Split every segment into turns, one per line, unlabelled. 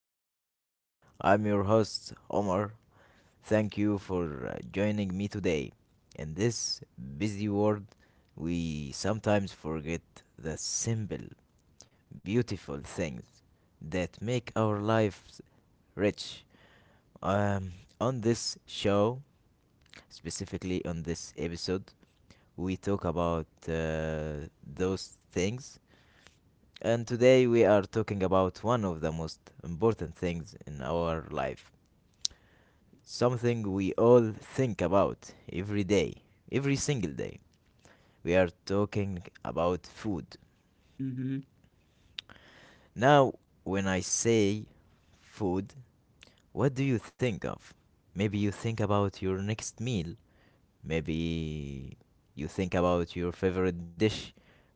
of Life. I'm your host, Omar. Thank you for joining me today. In this busy world, we sometimes forget the simple, beautiful things that make our lives rich. Um, on this show, specifically on this episode, we talk about those things. And today we are talking about one of the most important things in our life. Something we all think about every day, every single day. We are talking about food.
Mhm.
Now, when I say food, what do you think of? Maybe you think about your next meal. Maybe you think about your favorite dish,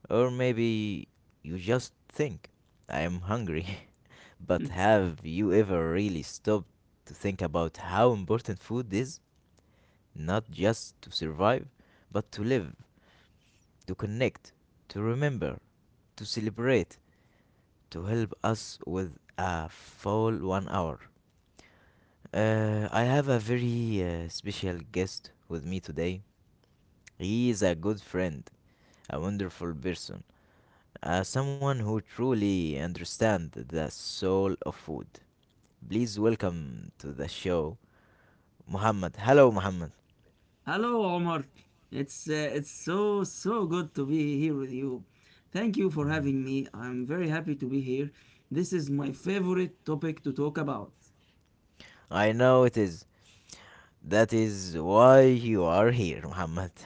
or maybe you just think, I am hungry. But
Hmm.
have you ever really stopped to think about how important food is? Not just to survive, but to live, to connect, to remember, to celebrate, to help us with a full one hour. I have a very special guest with me today. He is a good friend, a wonderful person, someone who truly understands the soul of food. Please welcome to the show, Muhammad. Hello, Muhammad.
Hello, Omar. It's so good to be here with you. Thank you for
Mhm.
having me. I'm very happy to be here. This is my favorite topic to talk about.
I know it is. That is why you are here, Muhammad.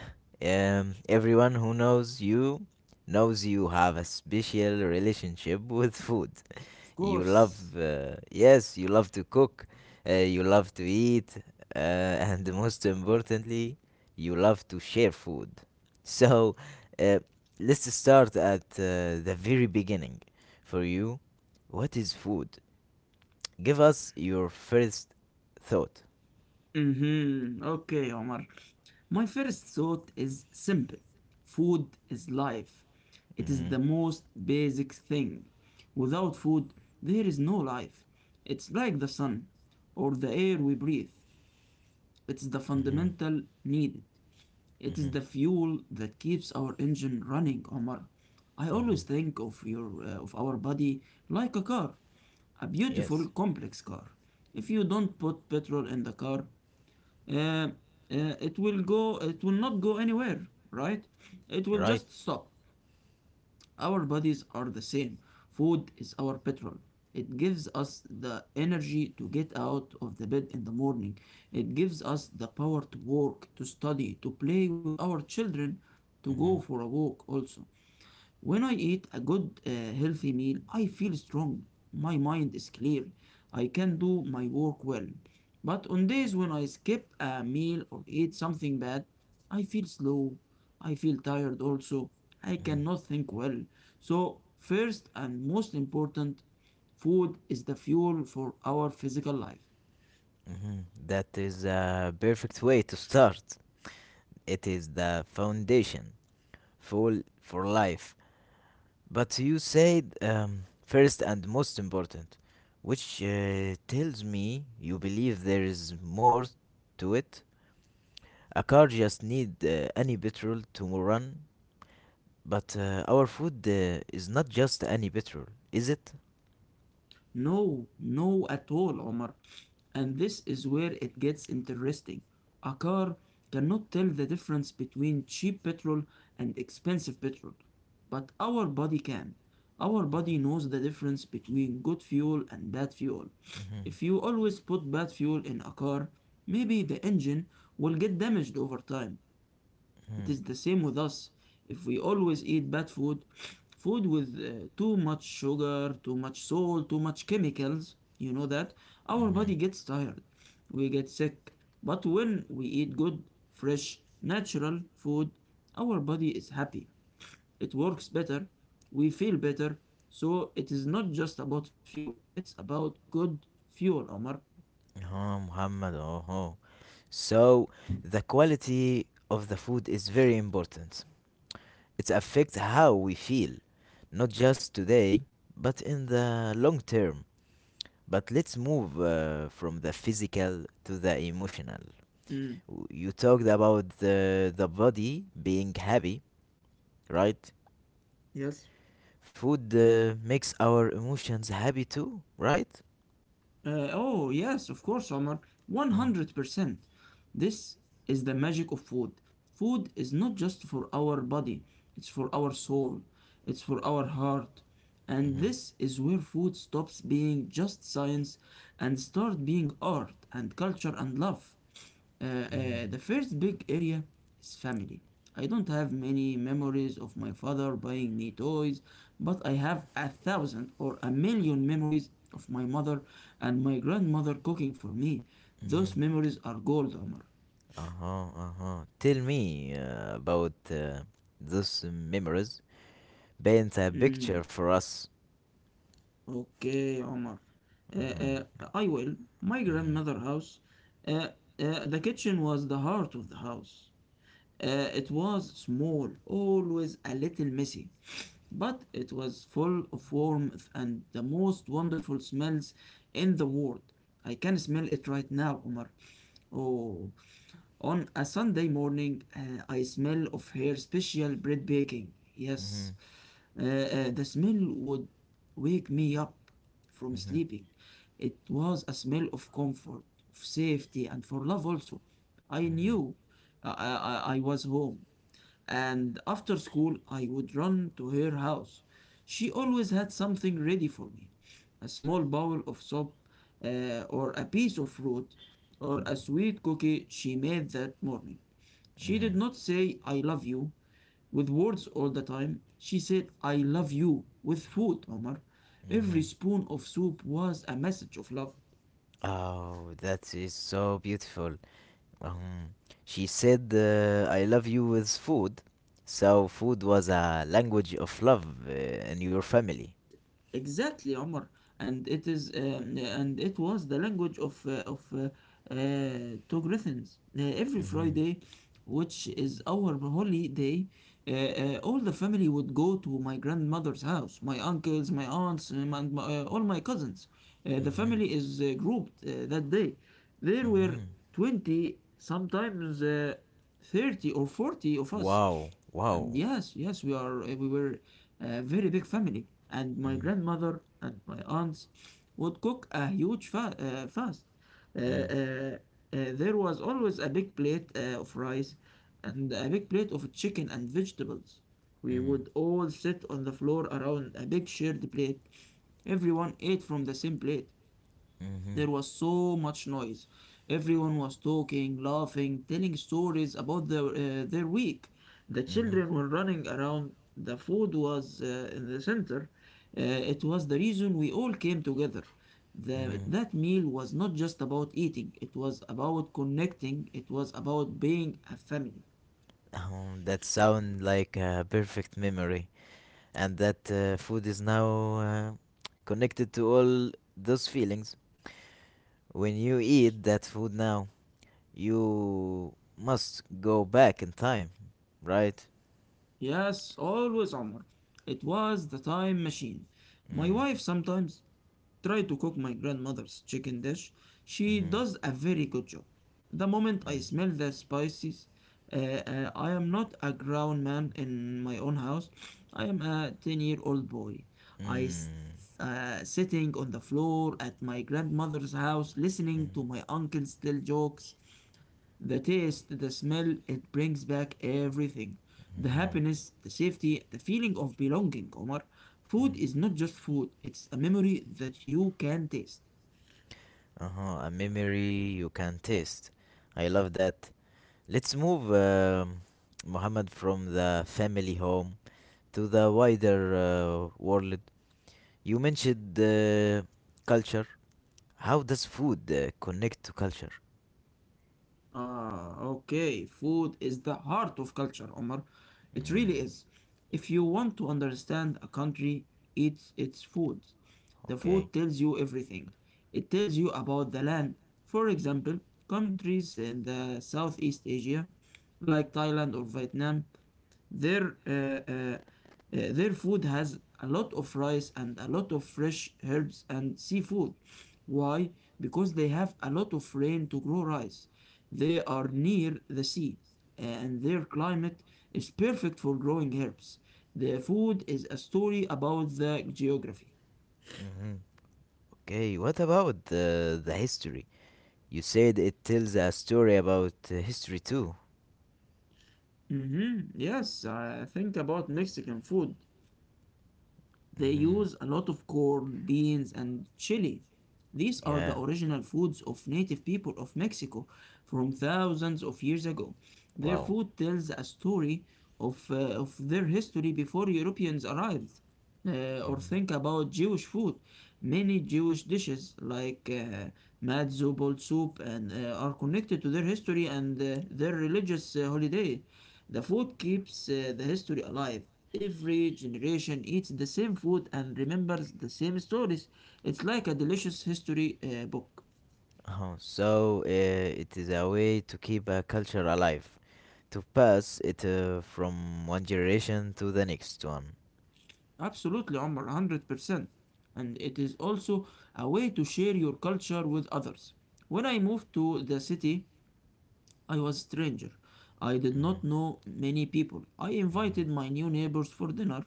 Everyone who knows you have a special relationship with food.
Of
You
course.
love, yes, you love to cook, you love to eat, and most importantly, you love to share food. So, uh, let's start at the very beginning. For you, what is food? Give us your first thought.
Mm-hmm. Okay, Omar. My first thought is simple. Food is life. It is
Mm-hmm.
the most basic thing. Without food, there is no life. It's like the sun or the air we breathe. It's the
Mm-hmm.
fundamental need. It
Mm-hmm.
is the fuel that keeps our engine running, Omar. I
Mm-hmm.
always think of your of our body like a car, a
Yes,
beautiful complex car. If you don't put petrol in the car, uh, uh, It will not go anywhere, right? It will
right.
just stop. Our bodies are the same. Food is our petrol. It gives us the energy to get out of the bed in the morning. It gives us the power to work, to study, to play with our children, to go
Mm-hmm.
for a walk also. When I eat a good, healthy meal, I feel strong. My mind is clear. I can do my work well. But on days when I skip a meal or eat something bad, I feel slow. I feel tired also. I
Mm-hmm.
cannot think well. So, first and most important, food is the fuel for our physical life.
Mm-hmm. That is a perfect way to start. It is the foundation, full for life. But you said first and most important, which tells me you believe there is more to it. A car just need any petrol to run, but our food is not just any petrol, is it?
No, no at all, Omar. And this is where it gets interesting. A car cannot tell the difference between cheap petrol and expensive petrol, but our body can. Our body knows the difference between good fuel and bad fuel.
Mm-hmm.
If you always put bad fuel in a car, maybe the engine will get damaged over time. It is the same with us. If we always eat bad food, food with too much sugar, too much salt, too much chemicals, you know that, our
Mm-hmm.
body gets tired. We get sick. But when we eat good, fresh, natural food, our body is happy. It works better. We feel better. So it is not just about fuel. It's about good fuel, Omar.
Oh, Muhammad. Oh, oh. So the quality of the food is very important. It affects how we feel, not just today, but in the long term. But let's move from the physical to the emotional.
Mm,
You talked about the body being happy, right?
yes.
Food makes our emotions happy too, right?
Oh, yes, of course, Omar.
Mm,
100%. This is the magic of food. Food is not just for our body, it's for our soul, it's for our heart. And
mhm,
this is where food stops being just science and start being art and culture and love. Uh,
mhm,
the first big area is family. I don't have many memories of my father buying me toys, but I have a thousand or a million memories of my mother and my grandmother cooking for me.
mhm.
Those memories are gold, Omar.
Uh-huh, uh-huh. Tell me about those memories. Paint a picture
Mm.
for us.
Okay, Omar. Uh,
Mhm,
uh, I will. My
mhm,
grandmother house. Uh, the kitchen was the heart of the house. It was small, always a little messy, but it was full of warmth and the most wonderful smells in the world. I can smell it right now, Omar. Oh, on a Sunday morning, I smell of her special bread baking. Yes,
mhm.
the smell would wake me up from
Mhm,
sleeping. It was a smell of comfort, of safety, and for love also. I
mhm,
knew I was home. And after school, I would run to her house. She always had something ready for me a small bowl of soup, or a piece of fruit, or a sweet cookie she made that morning. She did
mhm,
not say, I love you with words all the time. She said, I love you with food, Omar.
mhm.
Every spoon of soup was a message of love.
Oh, that is so beautiful. Um, she said, I love you with food. So, food was a language of love in your family.
Exactly, Omar, and it is and it was the language of Togolese. Every
Mhm,
Friday, which is our holiday, all the family would go to my grandmother's house. My uncles, my aunts, and all my cousins. The
mhm,
family is grouped that day. There were
mhm.
20, sometimes 30 or 40 of us,
Wow,
and
wow.
yes, we were a very big family, and my
Mm,
grandmother and my aunts would cook a huge fast uh, uh,
mm,
uh, there was always a big plate of rice and a big plate of chicken and vegetables. We
mm,
would all sit on the floor around a big shared plate. Everyone ate from the same plate.
mhm,
There was so much noise. Everyone was talking, laughing, telling stories about their week. The
mhm,
children were running around. The food was in the center. It was the reason we all came together. The,
mhm.
that meal was not just about eating, it was about connecting, it was about being a family.
That sound like a perfect memory, and that food is now uh, connected to all those feelings. When you eat that food now, you must go back in time, right?
Yes, always, Omar. It was the time machine. My
Mm,
wife sometimes try to cook my grandmother's chicken dish. She
mm-hmm,
does a very good job. The moment I
mm,
smell the spices, I am not a grown man in my own house. I am a 10-year-old boy. I s-
mm,
sitting on the floor at my grandmother's house listening to my uncle's tell jokes, the taste, the smell, it brings back everything. The
mm-hmm,
happiness, the safety, the feeling of belonging, Omar. Food is
mm.
not just food, it's a memory that you can taste.
Uh-huh, a memory you can taste. I love that. Let's move, Muhammad, from the family home to the wider world. You mentioned culture. How does food connect to culture?
Ah, okay. Food is the heart of culture, Omar. It really
Mm,
is. If you want to understand a country, eat its food. The
okay.
food tells you everything. It tells you about the land. For example, countries in the Southeast Asia, like Thailand or Vietnam, Their uh, uh, uh, their food has a lot of rice and a lot of fresh herbs and seafood. Why? Because they have a lot of rain to grow rice. They are near the sea and their climate is perfect for growing herbs. Their food is a story about the geography.
Mm-hmm. Okay, what about the history? You said it tells a story about history too.
Mhm. Yes, I think about Mexican food. They
Hmm.
use a lot of corn, beans, and chili. These are the
Yeah,
original foods of native people of Mexico from thousands of years ago. Their
wow.
food tells a story of their history before Europeans arrived. Or think
Hmm.
about Jewish food. Many Jewish dishes, like matzo, ball soup, and are connected to their history and their religious holiday. The food keeps the history alive. Every generation eats the same food and remembers the same stories. It's like a delicious history book.
Oh, so it is a way to keep a culture alive, to pass it from one generation to the next one.
Absolutely, Omar, 100%. And it is also a way to share your culture with others. When I moved to the city, I was a stranger. I did
Mm-hmm.
not know many people. I invited my new neighbors for dinner.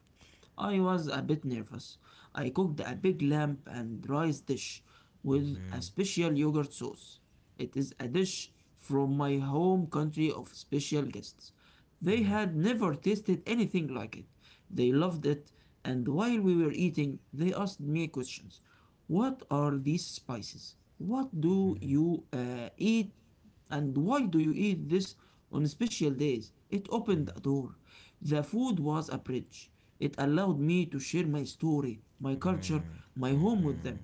I was a bit nervous. I cooked a big lamb and rice dish with a
Hmm.
special yogurt sauce. It is a dish from my home country of special guests. They had never tasted anything like it. They loved it, and while we were eating, they asked me questions. What are these spices? What do you eat and why do you eat this on special days? It opened a door. The food was a bridge. It allowed me to share my story, my culture,
Hmm.
my
Hmm.
home with them.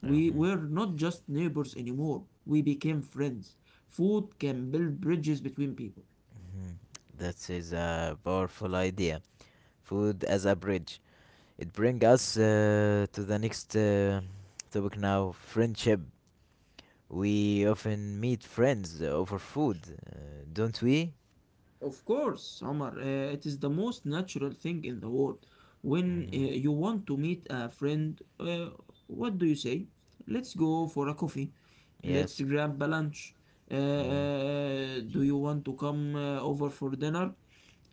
We were not just neighbors anymore, we became friends. Food can build bridges between people.
That is a powerful idea. Food as a bridge. It brings us to the next topic now friendship. We often meet friends over food, uh, don't we?
Of course, Omar, it is the most natural thing in the world. When
Hmm.
you want to meet a friend, what do you say? Let's go for a coffee.
Yes.
Let's grab a lunch. Uh,
Hmm.
uh, do you want to come over for dinner?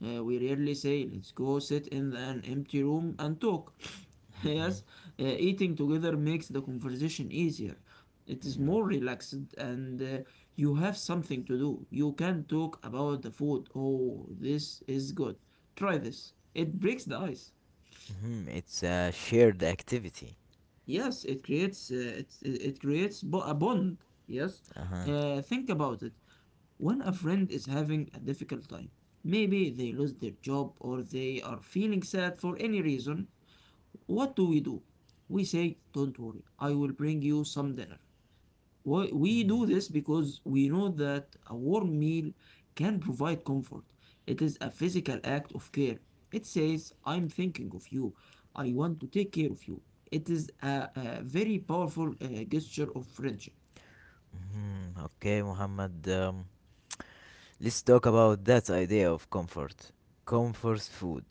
We rarely say, let's go sit in an empty room and talk.
Hmm.
Yes, eating together makes the conversation easier. It is more relaxed and you have something to do. You can talk about the food. Oh, this is good. Try this. It breaks the ice.
Hmm. It's a shared activity.
Yes, it creates it, it it creates a bond. Yes.
Uh huh.
Think about it. When a friend is having a difficult time, maybe they lost their job or they are feeling sad for any reason, what do? We say, don't worry, I will bring you some dinner. We
Hmm.
do this because we know that a warm meal can provide comfort. It is a physical act of care. It says, I'm thinking of you. I want to take care of you. It is a very powerful gesture of friendship.
Hmm. Okay, Muhammad. Let's talk about that idea of comfort. Comfort food.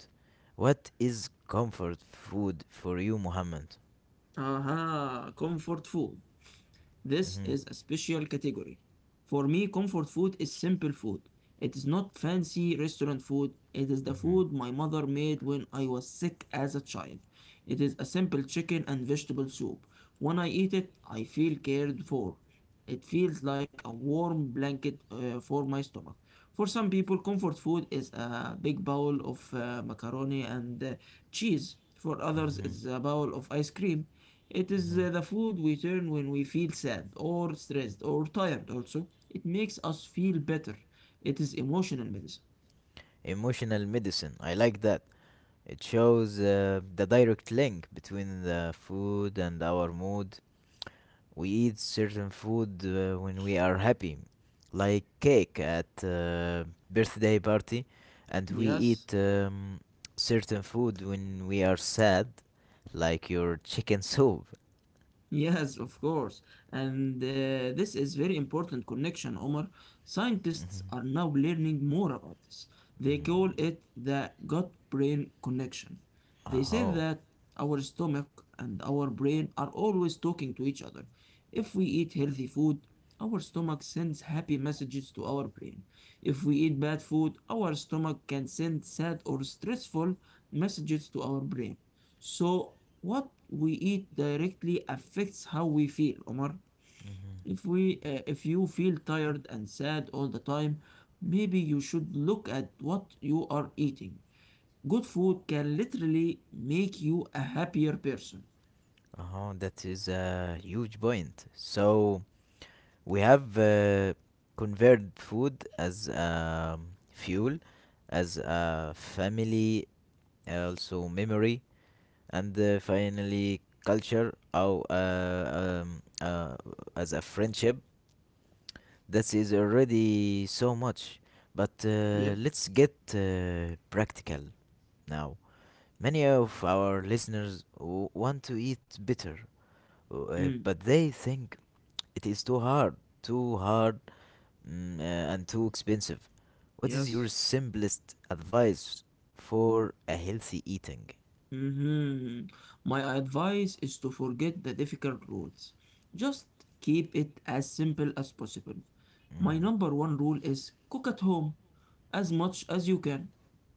What is comfort food for you, Muhammad?
Aha, comfort food. This
Hmm.
is a special category. For me, comfort food is simple food. It is not fancy restaurant food. It is the
Hmm.
food my mother made when I was sick as a child. It is a simple chicken and vegetable soup. When I eat it, I feel cared for. It feels like a warm blanket for my stomach. For some people, comfort food is a big bowl of macaroni and cheese. For others,
Hmm.
it's a bowl of ice cream. It is
Hmm.
the food we turn when we feel sad or stressed or tired, also. It makes us feel better. It is emotional medicine.
Emotional medicine. I like that. It shows the direct link between the food and our mood. We eat certain food when we are happy, like cake at birthday party, and we
Yes,
eat certain food when we are sad, like your chicken soup.
Yes, of course. And this is very important connection, Omar. Scientists
Mhm,
are now learning more about this. They
mhm.
call it the gut-brain connection. They say
Oh,
that our stomach and our brain are always talking to each other. If we eat healthy food, our stomach sends happy messages to our brain. If we eat bad food, our stomach can send sad or stressful messages to our brain. So what we eat directly affects how we feel, Omar. If you feel tired and sad all the time, maybe you should look at what you are eating. Good food can literally make you a happier person.
oh, that is a huge point. So we have converted food as fuel, as a family, also memory, and finally culture, or as a friendship. That is already so much. But
Yeah.
let's get practical now. Many of our listeners want to eat bitter,
Mm.
but they think it is too hard, too hard and too expensive. What is
Yes.
your simplest advice for a healthy eating?
Hmm. My advice is to forget the difficult rules. Just keep it as simple as possible. My
Mm-hmm.
number one rule is cook at home as much as you can.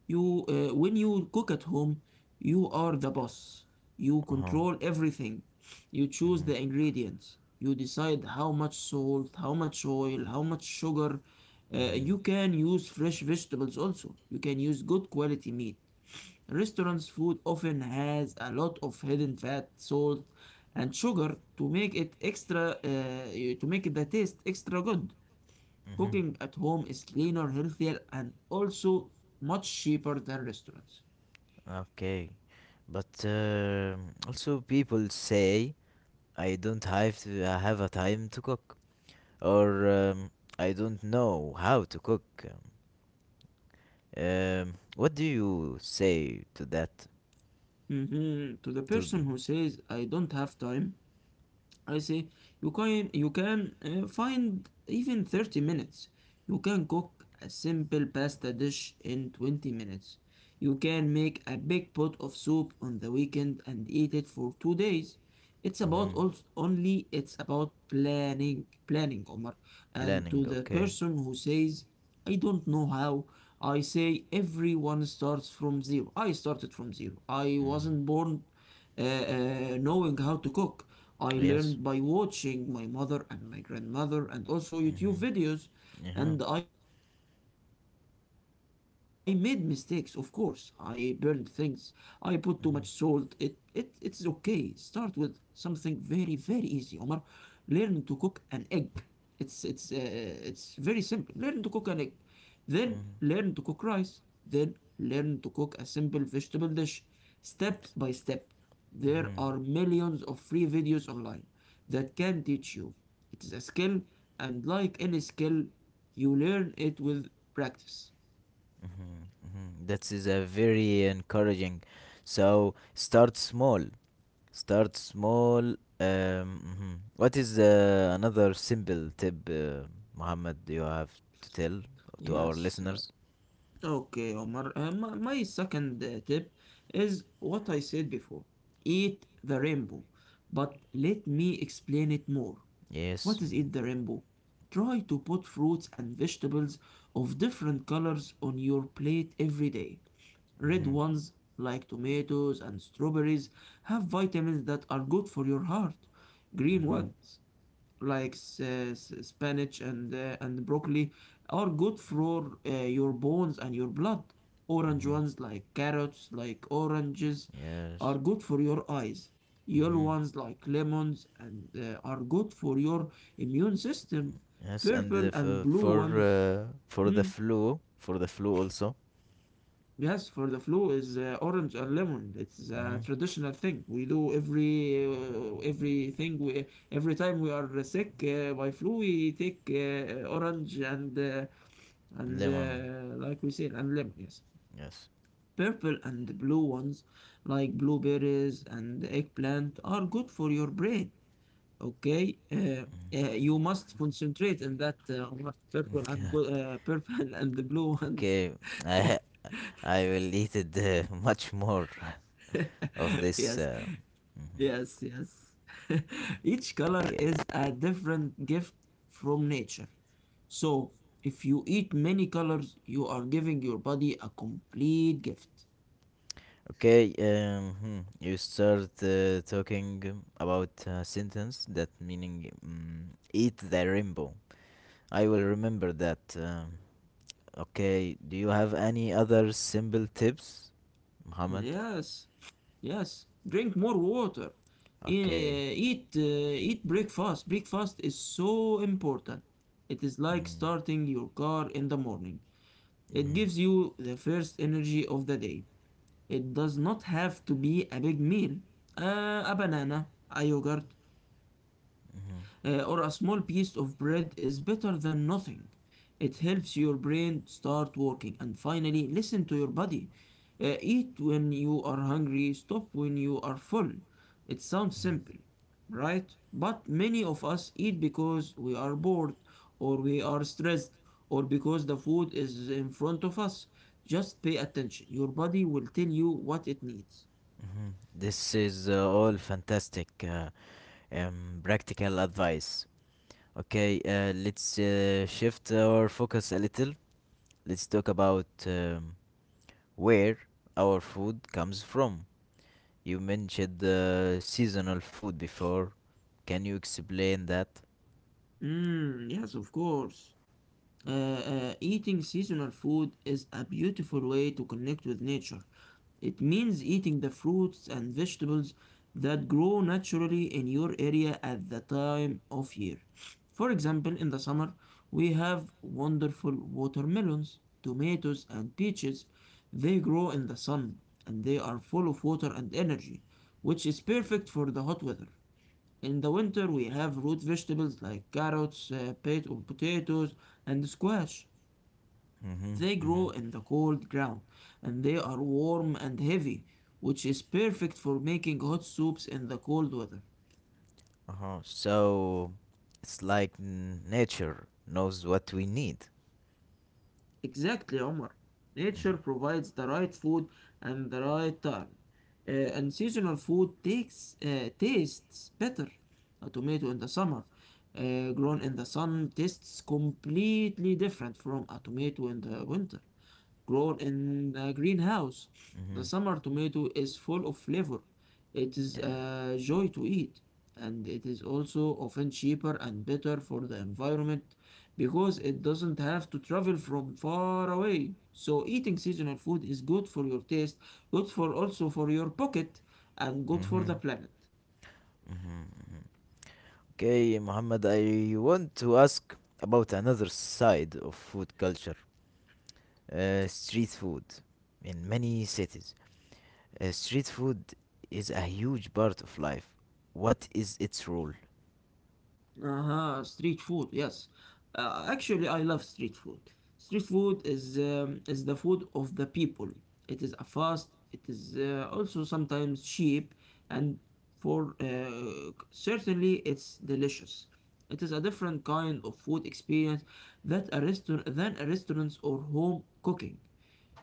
When you cook at home, you are the boss. You
Uh-huh.
control everything. You choose
Mm-hmm.
the ingredients. You decide how much salt, how much oil, how much sugar.
Mm-hmm.
You can use fresh vegetables also. You can use good quality meat. Restaurants' food often has a lot of hidden fat, salt, and sugar to make it to make the taste extra good.
Mm-hmm.
Cooking at home is cleaner, healthier, and also much cheaper than restaurants.
Okay, but also people say, I don't have to, I have a time to cook, or I don't know how to cook. What do you say to that?
Mhm. To the
To
person who says, I don't have time, I say you can find even 30 minutes. You can cook a simple pasta dish in 20 minutes. You can make a big pot of soup on the weekend and eat it for 2 days. It's about
Mm-hmm.
also only it's about planning planning Omar, and to
Planning,
the
okay.
person who says I don't know how, I say everyone starts from zero. I started from zero. I
Mm-hmm.
wasn't born knowing how to cook. I
Yes.
learned by watching my mother and my grandmother and also YouTube
Mm-hmm.
videos.
Uh
And I made mistakes, of course. I burned things. I put too much salt. It's okay.
huh.
Start with something very, very easy, Omar. Learn to cook an egg. It's very simple. Learn to cook an egg. Then learn to
Mhm,
cook rice. Then learn to cook a simple vegetable dish. Step by step. There are
mhm,
millions of free videos online that can teach you. It is a skill, and like any skill, you learn it with practice.
mhm. That is a very encouraging. So start small. Start small. Um, mhm. What is another simple tip, Muhammad? You have to tell to our
Yes. uh,
listeners.
Okay, Omar. My second tip is what I said before. Eat the rainbow. But let me explain it more.
Yes.
What is in the rainbow? Try to put fruits and vegetables of different colors on your plate every day. Red
Mm-hmm.
ones, like tomatoes and strawberries, have vitamins that are good for your heart. Green
Mm-hmm.
ones, like spinach and broccoli are good for your bones and your blood. Orange
Mm-hmm.
ones like carrots, like oranges, are
Yes.
good for your eyes. Yellow
Mm-hmm.
ones like lemons and are good for your immune system.
Yes, and the
Purple and blue ones, mm,
for the flu also.
yes, for the flu is orange and lemon. It's a
Mm-hmm.
traditional thing we do every time we are sick by flu, we take orange and uh, and
Lemon.
uh, like we said, and lemon. Yes,
Yes.
purple and blue ones like blueberries and eggplant are good for your brain. Okay, uh, you must concentrate in that on that purple and purple and the blue ones.
Okay. I will eat it much more of this.
Yes.
Mhm.
Yes. Each
Okay,
color is a different gift from nature. So, if you eat many colors, you are giving your body a complete gift.
okay. You start talking about sentence that meaning eat the rainbow. I will remember that. Okay. Do you have any other simple tips, Muhammad?
Yes, yes. Drink more water.
Okay.
E- Eat, uh, Eat breakfast. Breakfast is so important. It is like
Mm,
starting your car in the morning. It
mhm,
gives you the first energy of the day. It does not have to be a big meal. A banana, a yogurt,
mhm,
or a small piece of bread is better than nothing. It helps your brain start working. And finally, listen to your body. Eat when you are hungry, stop when you are full. It sounds
mhm,
simple, right? But many of us eat because we are bored, or we are stressed, or because the food is in front of us. Just pay attention. Your body will tell you what it needs.
mhm. This is all fantastic. Practical advice. Okay, let's shift our focus a little. Let's talk about where our food comes from. You mentioned seasonal food before. Can you explain that?
Mm, yes, of course. Eating seasonal food is a beautiful way to connect with nature. It means eating the fruits and vegetables that grow naturally in your area at the time of year. For example, in the summer, we have wonderful watermelons, tomatoes, and peaches. They grow in the sun and they are full of water and energy, which is perfect for the hot weather. In the winter, we have root vegetables like carrots, potatoes, and squash.
Mm-hmm.
They
Mm-hmm.
grow in the cold ground and they are warm and heavy, which is perfect for making hot soups in the cold weather.
Uh-huh. So it's like nature knows what we need.
Exactly, Omar. Nature provides the right food and the right time. Uh, and seasonal food tastes better. A tomato in the summer, grown in the sun, tastes completely different from a tomato in the winter grown in a greenhouse. The
Mm-hmm.
summer tomato is full of flavor. It is
Yeah.
a joy to eat, and it is also often cheaper and better for the environment because it doesn't have to travel from far away. So eating seasonal food is good for your taste, good for also for your pocket, and good for
Mm-hmm.
the planet.
Mm-hmm. Mm-hmm. Okay, Muhammad, I want to ask about another side of food culture. Street food in many cities. Street food is a huge part of life. What is its role?
Uh-huh, street food, yes. Actually, I love street food. Street food is the food of the people. It is a fast, it is also sometimes cheap, and for certainly it's delicious. It is a different kind of food experience that a restaurant than a restaurants or home cooking.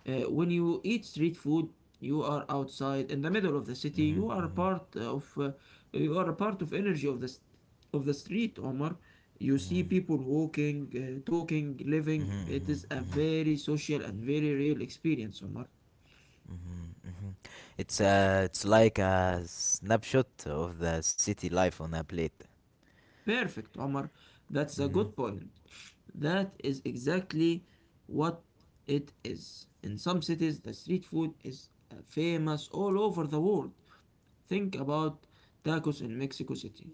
When you eat street food, you are outside in the middle of the city.
Mm-hmm, mm-hmm,
You are a part of energy of of the street, Omar. You see
mm-hmm,
people walking, talking, living.
mm-hmm,
It is a
mm-hmm,
very social and very real experience, Omar.
mm-hmm, mm-hmm. It's like a snapshot of the city life on a plate.
Perfect, Omar. That's a
Mm-hmm,
good point. That is exactly what it is. In some cities, the street food is famous all over the world. Think about tacos in Mexico City,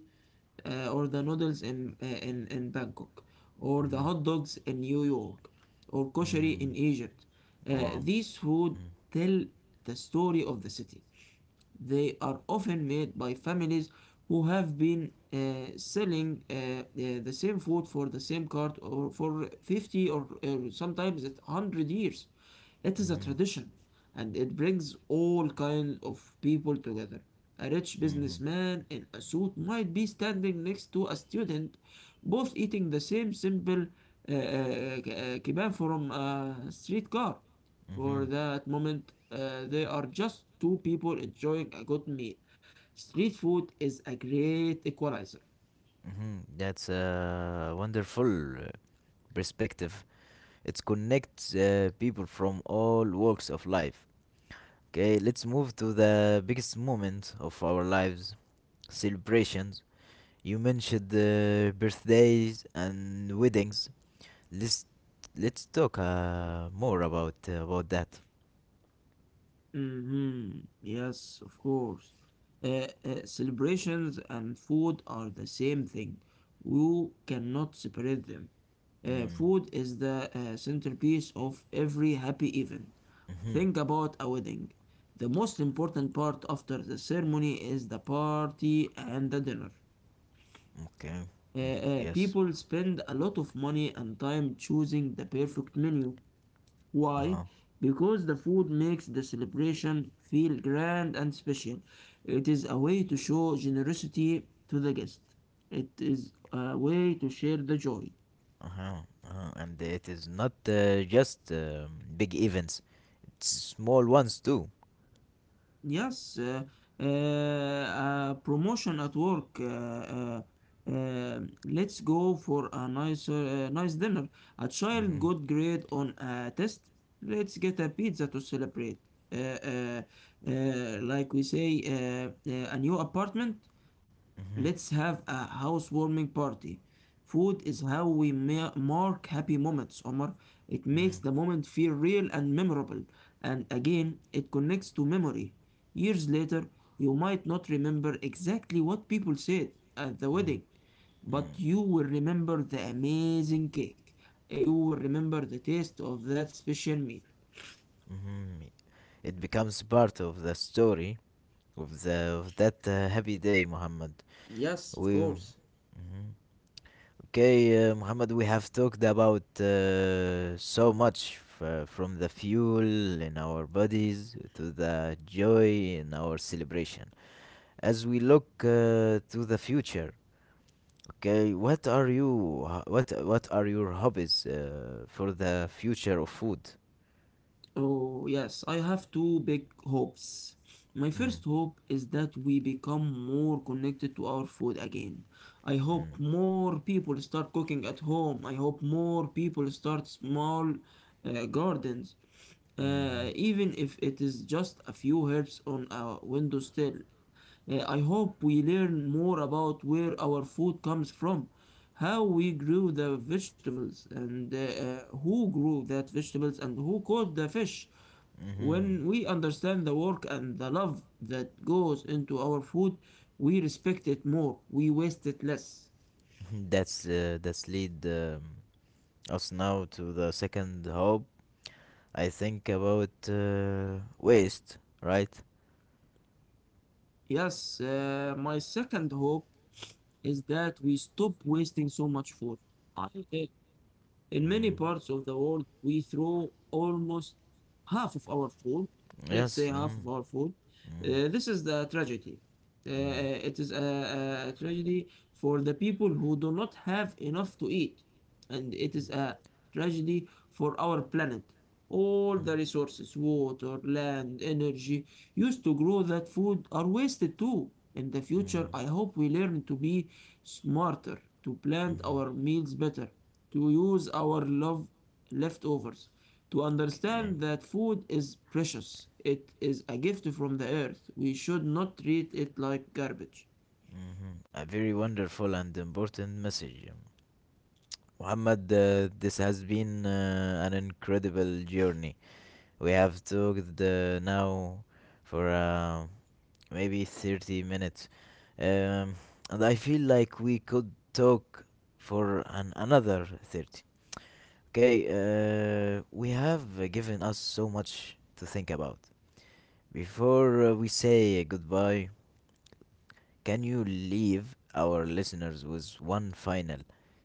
or the noodles in Bangkok, or the
mm-hmm,
hot dogs in New York, or koshari
mm.
in Egypt.
Wow.
These food tell the story of the city. They are often made by families who have been selling the same food for the same cart or for 50 or sometimes it's 100 years. It is a
Mm-hmm,
tradition and it brings all kinds of people together. A rich
mm-hmm,
businessman in a suit might be standing next to a student, both eating the same simple uh, uh, kebab from a streetcar. For
mm-hmm,
that moment, they are just two people enjoying a good meal. Street food is a great equalizer.
mm-hmm. That's a wonderful perspective. It connects people from all walks of life. Okay, let's move to the biggest moment of our lives celebrations. You mentioned the birthdays and weddings. Let's let's talk more about that.
Mm-hmm. Yes, of course. Celebrations and food are the same thing. You cannot separate them.
Mm.
Food is the centerpiece of every happy event.
Hmm.
Think about a wedding. The most important part after the ceremony is the party and the dinner.
Okay. Mm, yes.
People spend a lot of money and time choosing the perfect menu.
Uh
Why?
huh.
Because the food makes the celebration feel grand and special. It is a way to show generosity to the guest. It is a way to share the joy.
Uh huh. Uh-huh. And it is not just big events; it's small ones too.
Yes, promotion at work. Let's go for a nice dinner. A child
Mm-hmm.
got grade on a test. Let's get a pizza to celebrate. Uh, uh, like we say, a new apartment.
Mm-hmm.
Let's have a housewarming party. Food is how we mark happy moments, Omar. It
Mm-hmm.
makes the moment feel real and memorable. And again, it connects to memory. Years later, you might not remember exactly what people said at the wedding, but you will remember the amazing cake. You will remember the taste of that special meal.
Mm-hmm. It becomes part of the story of the of that happy day, Muhammad.
Yes,
We
of course.
Mhm. Okay, Muhammad. We have talked about so much from the fuel in our bodies to the joy in our celebration. As we look to the future, okay, what are your hobbies for the future of food?
Oh, yes, I have two big hopes. My first
Mm,
hope is that we become more connected to our food again. I hope
mm,
more people start cooking at home. I hope more people start small gardens,
mhm,
even if it is just a few herbs on a windowsill. I hope we learn more about where our food comes from, how we grew the vegetables, and who grew that vegetables, and who caught the fish. When
mhm.
we understand the work and the love that goes into our food, we respect it more, we waste it less.
That's lead us now to the second hope. I think about waste, right?
Yes, my second hope is that we stop wasting so much food. I uh, In many
Mm.
parts of the world, we throw almost half of our food, let's say
Yes.
half of
Mm.
our food.
Mm.
This is the tragedy.
Mm.
It is a tragedy for the people who do not have enough to eat, and it is a tragedy for our planet. All the resources, water, land, energy used to grow that food are wasted too. In the future,
Mm.
I hope we learn to be smarter, to plan
Mm.
our meals better, to use our love leftovers, to understand
Okay.
that food is precious. It is a gift from the earth. We should not treat it like garbage.
Hmm. A very wonderful and important message. Muhammad, this has been an incredible journey. We have talked now for maybe 30 minutes. Um, and I feel like we could talk for another 30. Okay, we have given us so much to think about. Before we say goodbye, can you leave our listeners with one final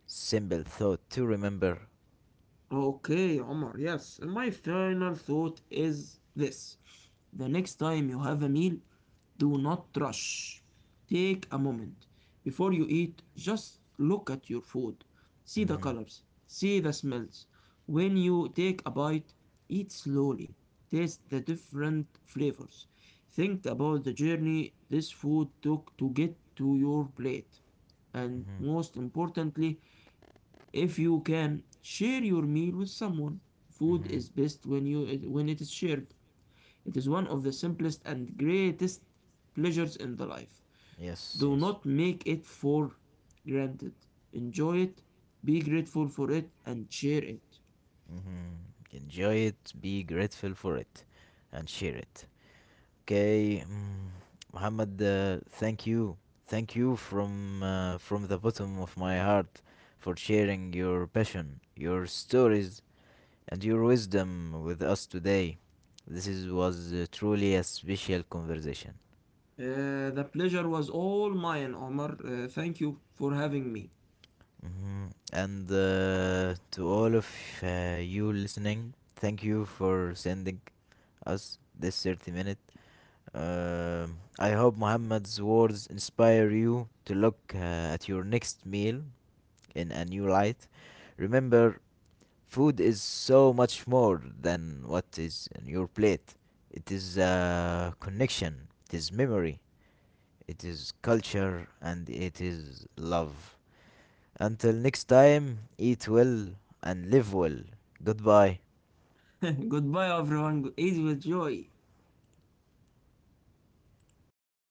simple thought to remember?
Okay, Omar, yes. My final thought is this. The next time you have a meal, do not rush. Take a moment. Before you eat, just look at your food. See the
Hmm.
colors, see the smells. When you take a bite, eat slowly. Taste the different flavors. Think about the journey this food took to get to your plate. And
Hmm.
most importantly, if you can share your meal with someone, food
Hmm.
is best when you when it is shared. It is one of the simplest and greatest pleasures in the life.
Yes,
Do
yes.
not make it for granted. Enjoy it, be grateful for it, and share it.
Hmm. Enjoy it, be grateful for it, and share it. Okay, Muhammad, thank you from the bottom of my heart for sharing your passion, your stories, and your wisdom with us today. This was truly a special conversation.
The pleasure was all mine, Omar. Thank you for having me.
Mhm. And to all of you listening, thank you for sending us this 30 minute. Um I hope Muhammad's words inspire you to look at your next meal in a new light. Remember, food is so much more than what is in your plate. It is a connection, it is memory, it is culture, and it is love. Until next time, eat well and live well. Goodbye.
Goodbye, everyone. Eat with joy.